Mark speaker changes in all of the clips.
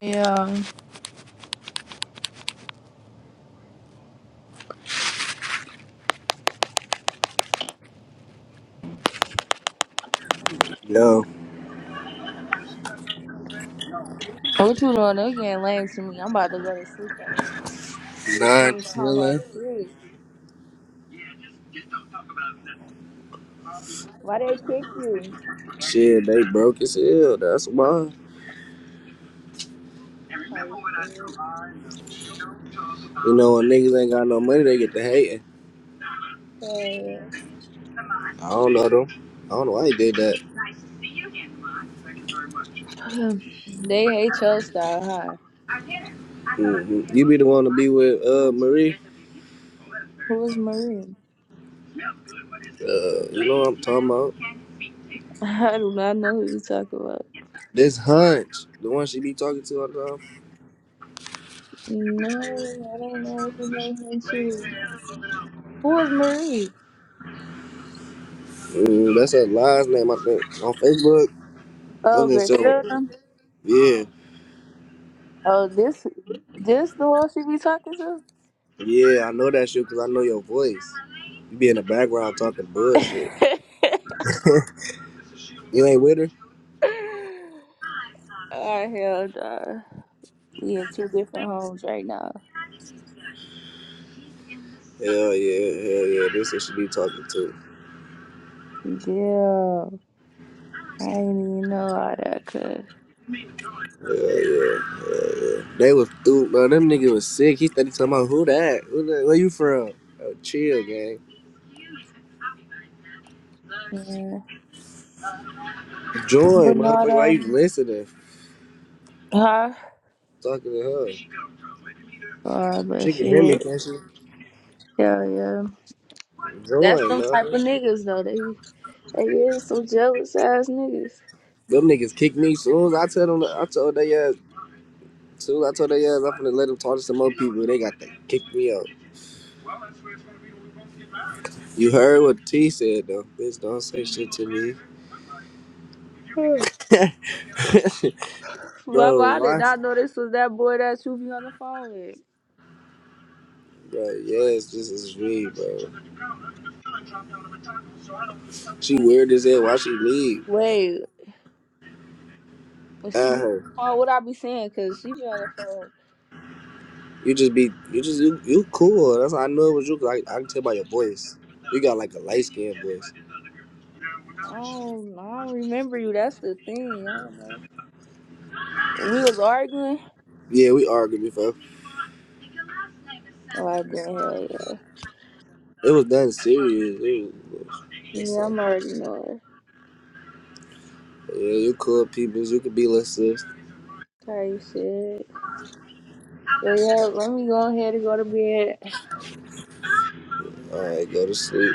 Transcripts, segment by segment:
Speaker 1: Yeah.
Speaker 2: Yo,
Speaker 1: What you doing? They're getting lame to me. I'm about to go to sleep already. They
Speaker 2: not
Speaker 1: was talking about
Speaker 2: chilling.
Speaker 1: shit. Why they kick you?
Speaker 2: Shit, they broke as hell. That's why.
Speaker 1: Type shit.
Speaker 2: You know, when niggas ain't got no money, they get to hating.
Speaker 1: Yeah.
Speaker 2: I don't know them. I don't know why he did that.
Speaker 1: They hate your style, huh?
Speaker 2: Mhm. You be the one to be with uh Marie.
Speaker 1: Who is Marie?
Speaker 2: Uh, you know what I'm talking about.
Speaker 1: I do not know who you talk about.
Speaker 2: This Hunch, the one she be talking to all the time.
Speaker 1: No, I don't know if you know him too. Who is Marie?
Speaker 2: Mm, that's her last name, I think. On Facebook, other
Speaker 1: Oh,
Speaker 2: than so,
Speaker 1: Griselda.
Speaker 2: yeah,
Speaker 1: Oh, this this the one she be talking to?
Speaker 2: yeah, I know that shit because I know your voice. You be in the background talking bullshit. You ain't with her?
Speaker 1: oh, hell nah. We in two different homes right now.
Speaker 2: Hell yeah, hell yeah. This who she be talking to.
Speaker 1: Yeah, I didn't even know all that, cuz.
Speaker 2: Hell yeah, hell yeah. They was through, bro. Them niggas was sick. He started talking about who that? Who that? Where you from? Oh, chill, gang.
Speaker 1: Yeah.
Speaker 2: Join, motherfucker. Why
Speaker 1: Bernardo,
Speaker 2: you listening?
Speaker 1: huh?
Speaker 2: Talking to her.
Speaker 1: Oh, but
Speaker 2: She can hear me,
Speaker 1: shit.
Speaker 2: can't she?
Speaker 1: Hell yeah. That's
Speaker 2: Join,
Speaker 1: them type
Speaker 2: man.
Speaker 1: of niggas, though. They, they is some jealous ass niggas.
Speaker 2: Them niggas kicked me soon as I tell them. I told they ass. Soon as I told they ass, I'm finna let them talk to some more people. They got to kick me out. You heard what T said though. Bitch, don't say shit to
Speaker 1: Hmm.
Speaker 2: me.
Speaker 1: Mama,
Speaker 2: bro,
Speaker 1: I did
Speaker 2: why?
Speaker 1: not know this was that boy that you be on the phone with.
Speaker 2: Bro, yes, this is me, bro. She weird as hell. Why she leave?
Speaker 1: Wait, when she
Speaker 2: Uh
Speaker 1: be on the
Speaker 2: her.
Speaker 1: phone, what I be saying? Cause she be on the phone.
Speaker 2: You just be you just you, you cool. That's how I know it was you. 'cause I, I can tell by your voice. You got like a light skinned voice.
Speaker 1: I don't, I don't remember you. That's the thing. I don't know. We was arguing.
Speaker 2: Yeah, we argued before.
Speaker 1: Oh, I did. Hell yeah.
Speaker 2: It was nothing serious. It was, what's
Speaker 1: Yeah,
Speaker 2: up?
Speaker 1: I'm already knowing.
Speaker 2: Yeah, you cool peoples. You could be less sis.
Speaker 1: How shit. But yeah, let me go ahead and go to bed.
Speaker 2: All right, go to sleep.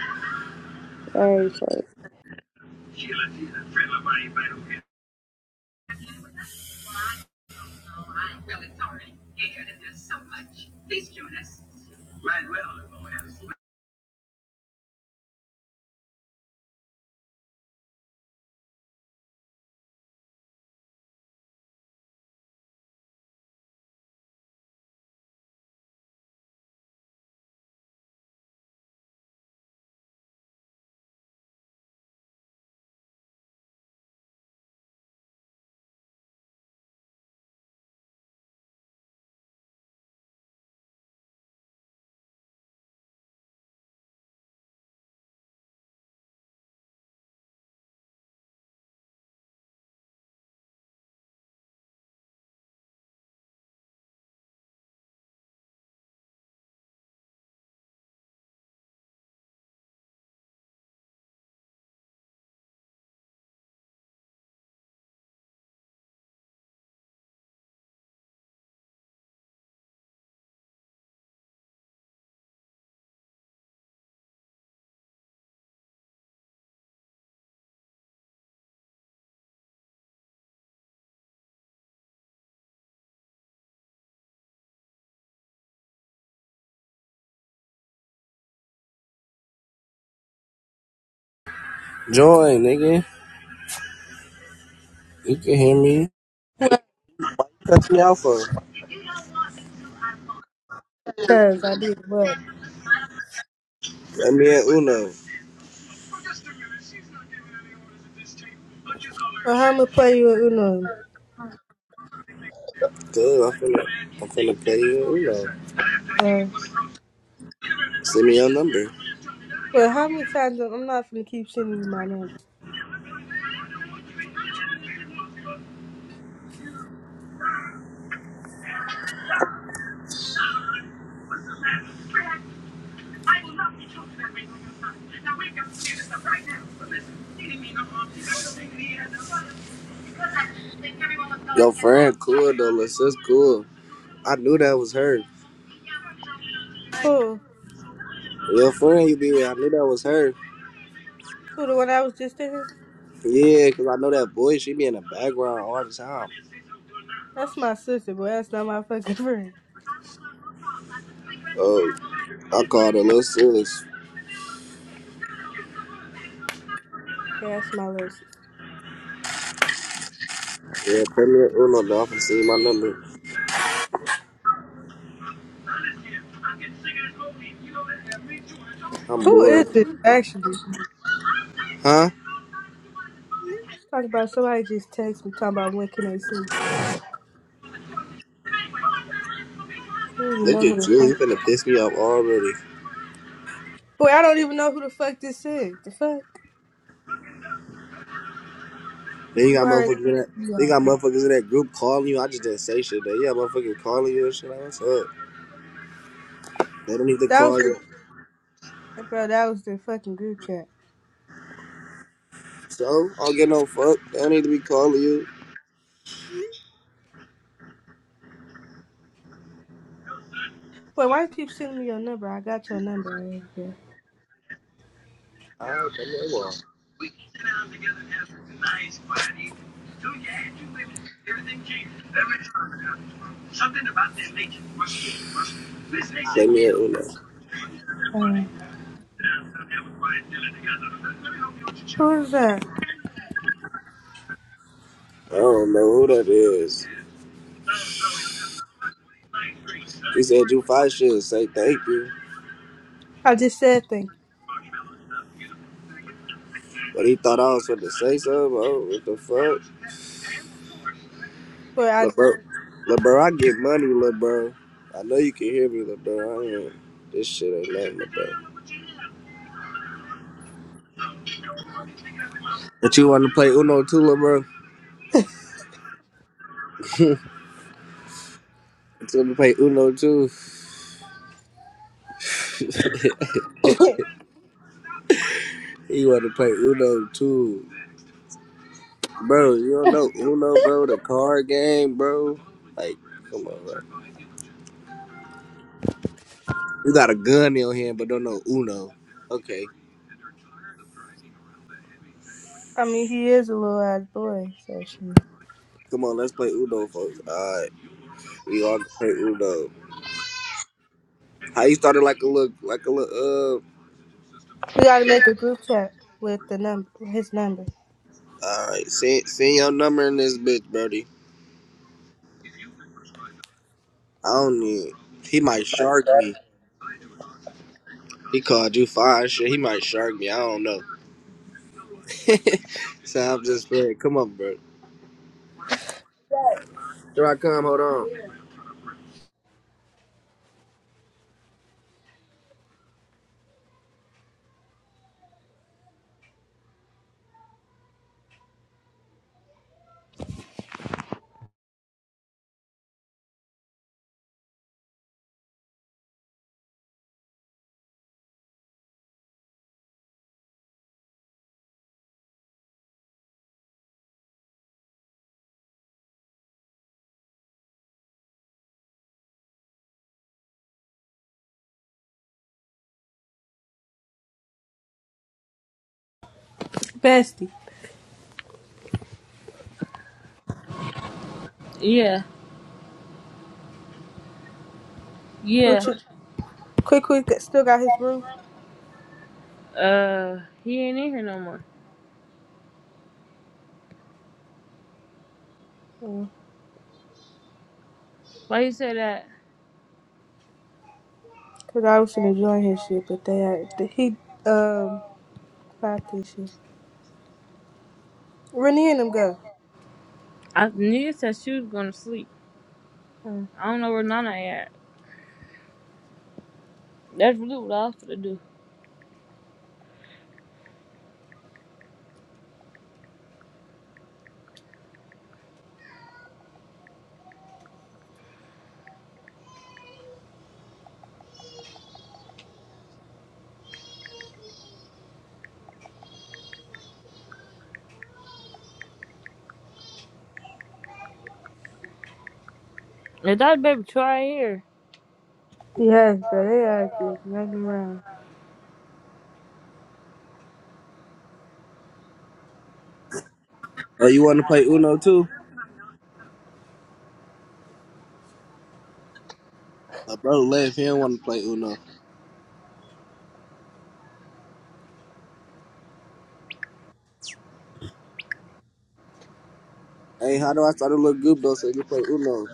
Speaker 1: Alright, fuck.
Speaker 2: Join, nigga. You can hear me. Cut me out for.
Speaker 3: Cause I did what?
Speaker 2: Let me at Uno.
Speaker 3: Well, how much play you with Uno?
Speaker 2: Good. I'm finna. I'm finna play you Uno.
Speaker 3: Uh,
Speaker 2: Send me your number.
Speaker 3: well, how many times am- I'm not gonna keep sending you my number?
Speaker 2: Your friend, cool though. Let's cool. I knew that was her.
Speaker 3: Who?
Speaker 2: Your friend you be with, I knew that was her.
Speaker 3: Who? The one I was just in?
Speaker 2: Yeah, cause I know that boy. She be in the background all the time.
Speaker 3: That's my sister, but that's not my fucking friend.
Speaker 2: Oh, I called her little sis.
Speaker 3: Yeah, that's my little sister.
Speaker 2: Yeah, put me in Uno though. I can see my number. I'm
Speaker 3: Who is
Speaker 2: bored.
Speaker 3: this actually?
Speaker 2: Huh?
Speaker 3: Talking about somebody just text me talking about when can they see me. I don't even
Speaker 2: Look
Speaker 3: know who
Speaker 2: at
Speaker 3: the
Speaker 2: you.
Speaker 3: fuck.
Speaker 2: You finna piss me off already.
Speaker 3: Boy, I don't even know who the fuck this is. The fuck?
Speaker 2: Then you
Speaker 3: You
Speaker 2: got
Speaker 3: already
Speaker 2: motherfuckers in that.
Speaker 3: pissed me
Speaker 2: Then you
Speaker 3: off.
Speaker 2: got motherfuckers in that group calling you. I just didn't say shit. Then you got motherfuckers calling you and shit. Like, what's up? They don't need to
Speaker 3: That was
Speaker 2: call
Speaker 3: the
Speaker 2: you.
Speaker 3: bro. That was the fucking group chat.
Speaker 2: So I don't get no fuck. They don't need to be calling you.
Speaker 3: Wait, why you keep sending me your number? I got your number. Right here.
Speaker 2: I don't come here well. Let me hear Uno.
Speaker 3: Uh, Who is that?
Speaker 2: I don't know who that is. He said you five should say thank you,
Speaker 3: I just said thing,
Speaker 2: but he thought I was supposed to say something. Oh, what the fuck?
Speaker 3: but I,
Speaker 2: Look, bro, look, bro, I get money, look, bro. I know you can hear me, look, bro. I ain't. This shit ain't nothing, look, bro. But you want to play Uno too, look, bro? You want to play Uno too? you want to play Uno too, bro? You don't know Uno, bro? The card game, bro. Like, come on, bro. You got a gun in your hand, but don't know Uno. Okay,
Speaker 3: I mean, he is a little ass boy, so she.
Speaker 2: come on, let's play Uno, folks. All right, we all can play Uno. How you started like a look, like a look?
Speaker 3: You gotta make a group chat with the number, with his number.
Speaker 2: All right, send send your number in this bitch, Brody. I don't need. He might shark me. He called you fine shit. He might shark me. I don't know. so I'm just playing. Come on, bro. Here I come. Hold on.
Speaker 3: Bestie,
Speaker 4: Yeah, yeah.
Speaker 3: what you? Quick, quick, still got his room.
Speaker 4: Uh, he ain't in here no more.
Speaker 3: Mm,
Speaker 4: Why you say that?
Speaker 3: Cause I was gonna join his shit, but they, are- the- he, um, popped his shit. Renee and them go.
Speaker 4: I nigga said she was gonna sleep.
Speaker 3: Mm.
Speaker 4: I don't know where Nana at. That's really what I was gonna do. If that baby try here,
Speaker 3: Yes, but they are just running around.
Speaker 2: Oh, you want to play Uno too? My bro left. He don't want to play Uno. Hey, how do I start a little group though so you can play Uno?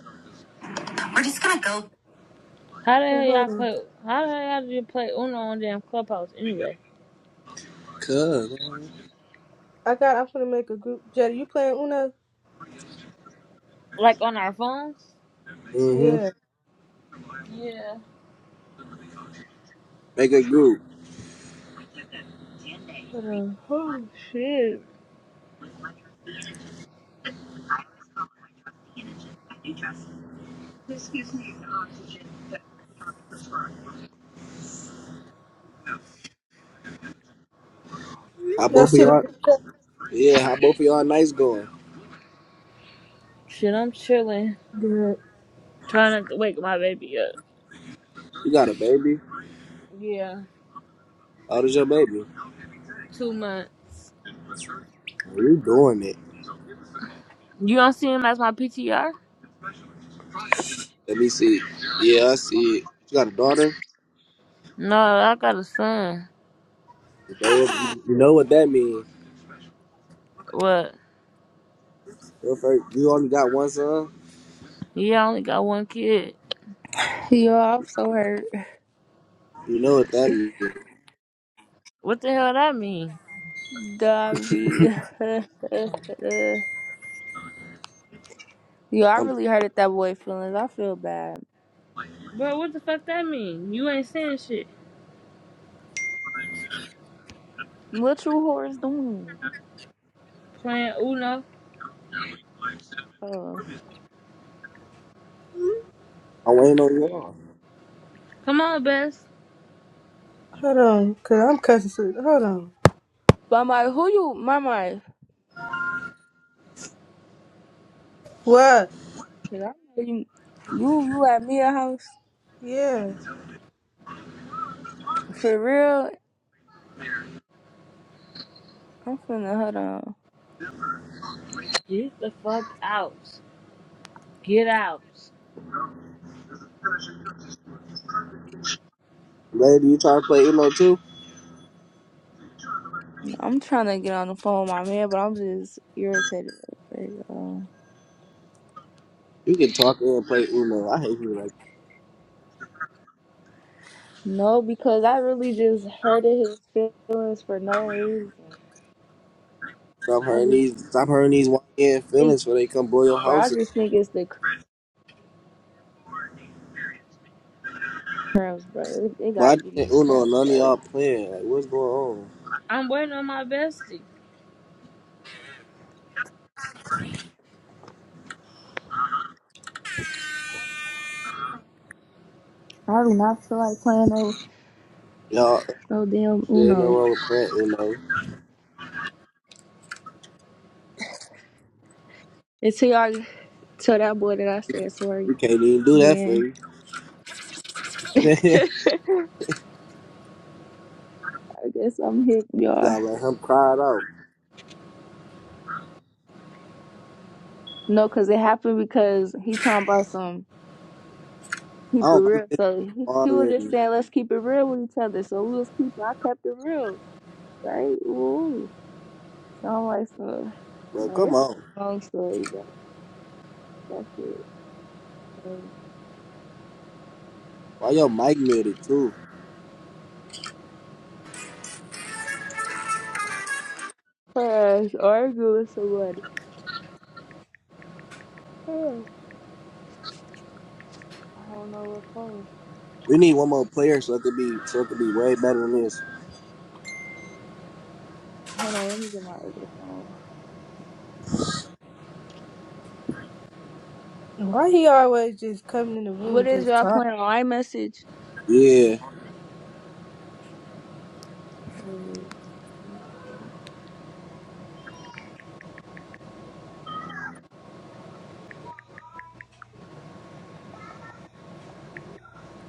Speaker 4: how the hell
Speaker 3: But
Speaker 4: y'all
Speaker 3: hold on,
Speaker 4: play? How the hell y'all do you play Uno on damn clubhouse anyway?
Speaker 2: Cuz.
Speaker 3: I got. I'm gonna make a group. Jetty, you playing Uno?
Speaker 4: Like on our phones?
Speaker 2: mm
Speaker 3: Yeah.
Speaker 2: Mhm.
Speaker 4: Yeah.
Speaker 2: Make a group.
Speaker 3: Hold on.
Speaker 4: Oh shit.
Speaker 2: How
Speaker 3: Y'all
Speaker 2: both of
Speaker 3: see the
Speaker 2: y'all?
Speaker 3: group chat?
Speaker 2: Yeah. How both of y'all nights going?
Speaker 4: Shit, I'm chilling,
Speaker 3: Good.
Speaker 4: trying not to wake my baby up.
Speaker 2: You got a baby?
Speaker 4: Yeah.
Speaker 2: How old is your baby?
Speaker 4: Too much.
Speaker 2: Are you doing it?
Speaker 4: You don't see him as my PTR?
Speaker 2: Let me see. Yeah, I see it. You got a daughter?
Speaker 4: No, I got a son.
Speaker 2: You know what you know what that means.
Speaker 4: What?
Speaker 2: If you only got one son,
Speaker 4: Yeah, I only got one kid.
Speaker 1: Yo, I'm so hurt.
Speaker 2: you know what that means.
Speaker 4: What the hell that mean?
Speaker 1: Dobby. Yo, I
Speaker 2: I'm
Speaker 1: really hurted that boy feelings. I feel bad.
Speaker 4: Bro, what the fuck that mean? You ain't saying shit.
Speaker 1: What you whores doing?
Speaker 4: Playing Uno.
Speaker 1: Oh.
Speaker 2: I'm on y'all.
Speaker 4: Come on, Best.
Speaker 3: Hold on, cause I'm cussing. so- Hold on.
Speaker 1: But my who you my my I
Speaker 3: What?
Speaker 1: know you you you at me a house.
Speaker 3: Yeah.
Speaker 1: For real? I'm finna hold on.
Speaker 4: Get the fuck out. Get out.
Speaker 2: Lady, you trying to play Uno too?
Speaker 1: I'm trying to get on the phone with my man, but I'm just irritated. Like, uh,
Speaker 2: You can talk and play Uno. I hate you like that.
Speaker 1: No, because I really just hurted his feelings for no reason.
Speaker 2: Stop
Speaker 1: I
Speaker 2: hurting
Speaker 1: just
Speaker 2: these stop hurting these white end
Speaker 1: think,
Speaker 2: feelings where they come blow your
Speaker 1: bro, I
Speaker 2: house. up.
Speaker 1: just think it's the cramps, bro. It, it
Speaker 2: But I
Speaker 1: gotta
Speaker 2: just
Speaker 1: be
Speaker 2: think
Speaker 1: these
Speaker 2: Uno and
Speaker 1: cramps,
Speaker 2: none of
Speaker 1: bro.
Speaker 2: y'all playing. Like what's going on?
Speaker 4: I'm waiting on my bestie.
Speaker 1: I do not feel like playing no,
Speaker 2: Y'all
Speaker 1: no damn
Speaker 2: shit ain't no
Speaker 1: Uno.
Speaker 2: wrong with playing Uno.
Speaker 1: Until y'all tell that boy that I said
Speaker 2: You
Speaker 1: sorry,
Speaker 2: can't even do that for
Speaker 1: then
Speaker 2: you.
Speaker 1: I
Speaker 2: you
Speaker 1: guess I'm hip, y'all.
Speaker 2: gotta let him cry it out.
Speaker 1: No, because it happened because he talking about some
Speaker 2: I
Speaker 1: keep it
Speaker 2: don't
Speaker 1: real.
Speaker 2: like this
Speaker 1: So he,
Speaker 2: game
Speaker 1: he was just
Speaker 2: already.
Speaker 1: saying, let's keep it real with each other. So we was keeping, I kept it real, right? Ooh. So I'm like, so
Speaker 2: But come
Speaker 1: man, it's
Speaker 2: on.
Speaker 1: a long story, but That's it. Crazy.
Speaker 2: Why your mic muted too?
Speaker 1: Plus, argue with somebody. Ugh, I don't know what phone.
Speaker 2: We need one more player so it could be so it could be way better than this.
Speaker 1: Hold on, let me get my other phone.
Speaker 3: Why he always just coming in the room
Speaker 1: What is
Speaker 3: just
Speaker 1: y'all
Speaker 3: talking?
Speaker 1: playing on iMessage?
Speaker 2: Yeah.
Speaker 1: Mm,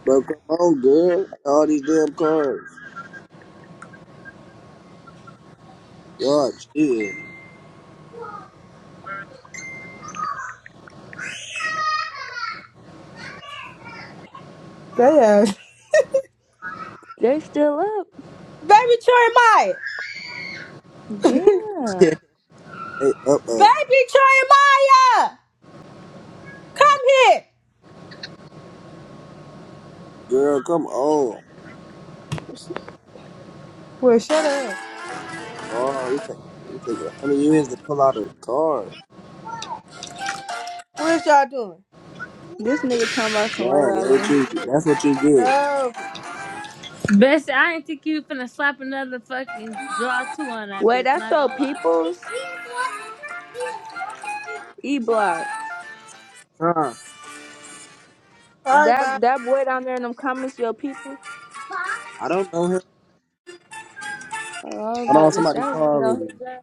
Speaker 2: Bro, come on, girl. All these damn cards. God, chill.
Speaker 3: That ass.
Speaker 1: They still up.
Speaker 3: Baby Jeremiah!
Speaker 1: Damn.
Speaker 2: Hey, up up.
Speaker 3: Baby Jeremiah! Come here!
Speaker 2: Girl, come on.
Speaker 3: Boy, shut up.
Speaker 2: Oh, you take you take a hundred years to pull out a card.
Speaker 3: What is y'all doing?
Speaker 1: This nigga talking about some white
Speaker 2: Man, that's
Speaker 1: y'all
Speaker 2: what
Speaker 1: on his
Speaker 2: you that's
Speaker 1: still.
Speaker 2: what you get.
Speaker 3: Oh,
Speaker 4: Bestie, I ain't think you finna slap another fucking draw two on that
Speaker 1: Wait,
Speaker 4: bitch.
Speaker 1: that's
Speaker 4: Not
Speaker 1: your
Speaker 4: gonna lie.
Speaker 1: peoples? E block.
Speaker 2: Huh.
Speaker 3: all right,
Speaker 1: That
Speaker 3: bye.
Speaker 1: that boy down there in them comments, your people.
Speaker 2: I don't know him.
Speaker 1: Oh, I was
Speaker 2: Hold on,
Speaker 1: about to say,
Speaker 2: somebody
Speaker 1: I was
Speaker 2: call
Speaker 1: get on
Speaker 2: already.
Speaker 1: his ass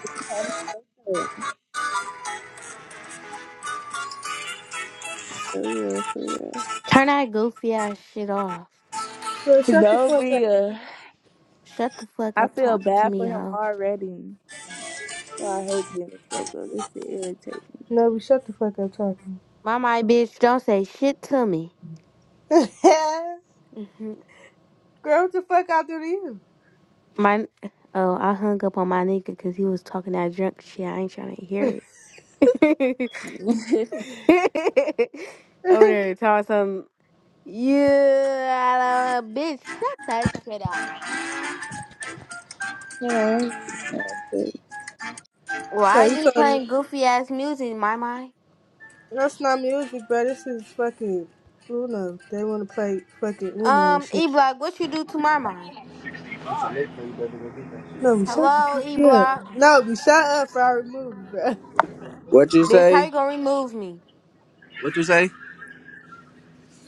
Speaker 1: 'cause he had me fucked up. For real, for real.
Speaker 5: Turn that goofy ass shit off.
Speaker 3: Boy, shut the
Speaker 1: No,
Speaker 3: fuck up.
Speaker 1: Bia.
Speaker 5: Shut the fuck
Speaker 1: I
Speaker 5: up
Speaker 1: feel
Speaker 5: talking to
Speaker 1: bad for
Speaker 5: me,
Speaker 1: him
Speaker 5: hoe.
Speaker 1: already. Well, I hate being a Scorpio. This shit irritates
Speaker 3: No, we shut the fuck up talking.
Speaker 5: My my bitch, don't say shit to me. hmm
Speaker 3: Girl, what the fuck I do to you?
Speaker 5: My oh, I hung up on my nigga because he was talking that drunk shit. I ain't trying to hear it.
Speaker 1: me.
Speaker 5: Over there talking some yeah, I don't know, bitch. Shut that shit up.
Speaker 1: you know,
Speaker 3: so
Speaker 5: Why are
Speaker 3: you
Speaker 5: you
Speaker 3: told me.
Speaker 5: playing goofy ass music, my my?
Speaker 3: That's not music, bro. This is fucking Uno. They want to play fucking Uno and
Speaker 5: Um,
Speaker 3: shit.
Speaker 5: E Block, what you do to my my?
Speaker 3: No, we shut the
Speaker 5: Hello,
Speaker 3: fuck
Speaker 5: E
Speaker 3: up.
Speaker 5: Block,
Speaker 3: No, we shut up for our movie, bro.
Speaker 2: What you
Speaker 5: bitch. How
Speaker 2: say?
Speaker 5: you gonna remove me?
Speaker 2: What you say?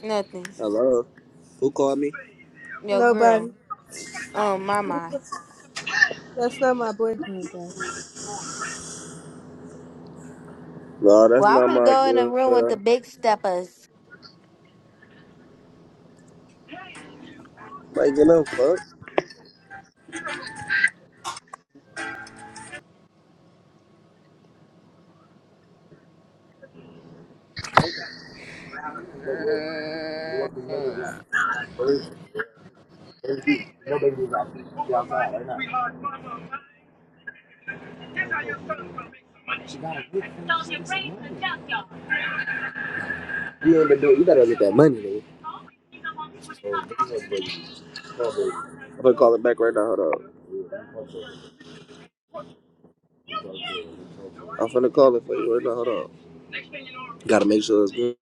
Speaker 5: Nothing.
Speaker 2: Hello. Who called me?
Speaker 5: Yo, girl.
Speaker 3: Nobody.
Speaker 5: Um, my
Speaker 3: Who the
Speaker 5: my.
Speaker 3: fuck- That's not my boyfriend, bro.
Speaker 2: No, that's
Speaker 5: Well, I'm
Speaker 2: not
Speaker 5: gonna
Speaker 2: my
Speaker 5: go in the room with
Speaker 2: girl.
Speaker 5: the big steppers.
Speaker 2: Like, you know, fuck. What the money is Where's where's you? No baby's out. She outside right now. You ain't been doing. You gotta get that money, nigga. I'm gonna call it back right now. Hold on. I'm finna call it for you right now. Hold on. Gotta make sure it's good.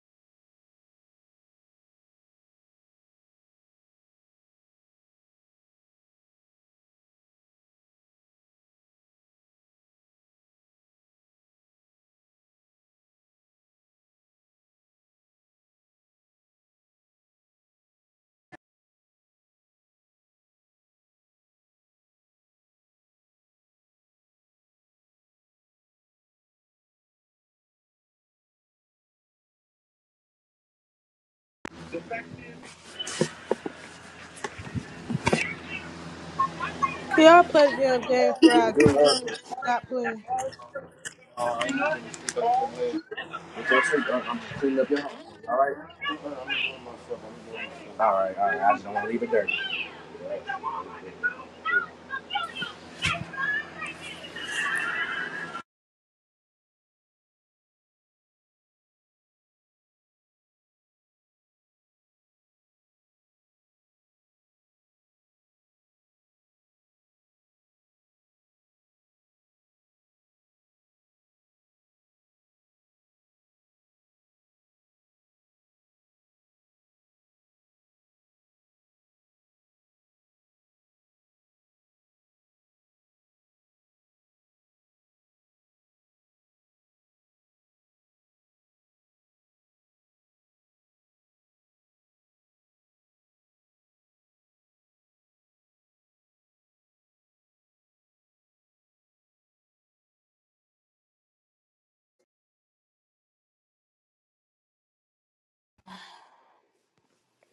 Speaker 3: Can y'all play the damn game for I
Speaker 2: Good, love.
Speaker 3: stop playing?
Speaker 2: Get your sleep. I'm i cleaning up your house, all right? All right, all right. I just don't want to leave it dirty.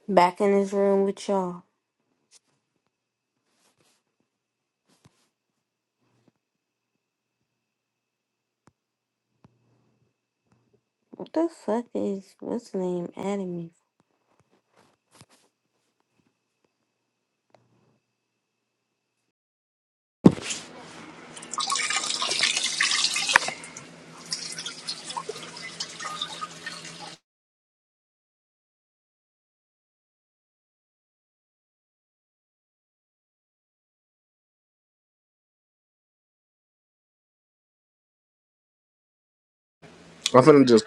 Speaker 5: Back in this room with y'all. What the fuck is what's the name adding me?
Speaker 2: I'm finna just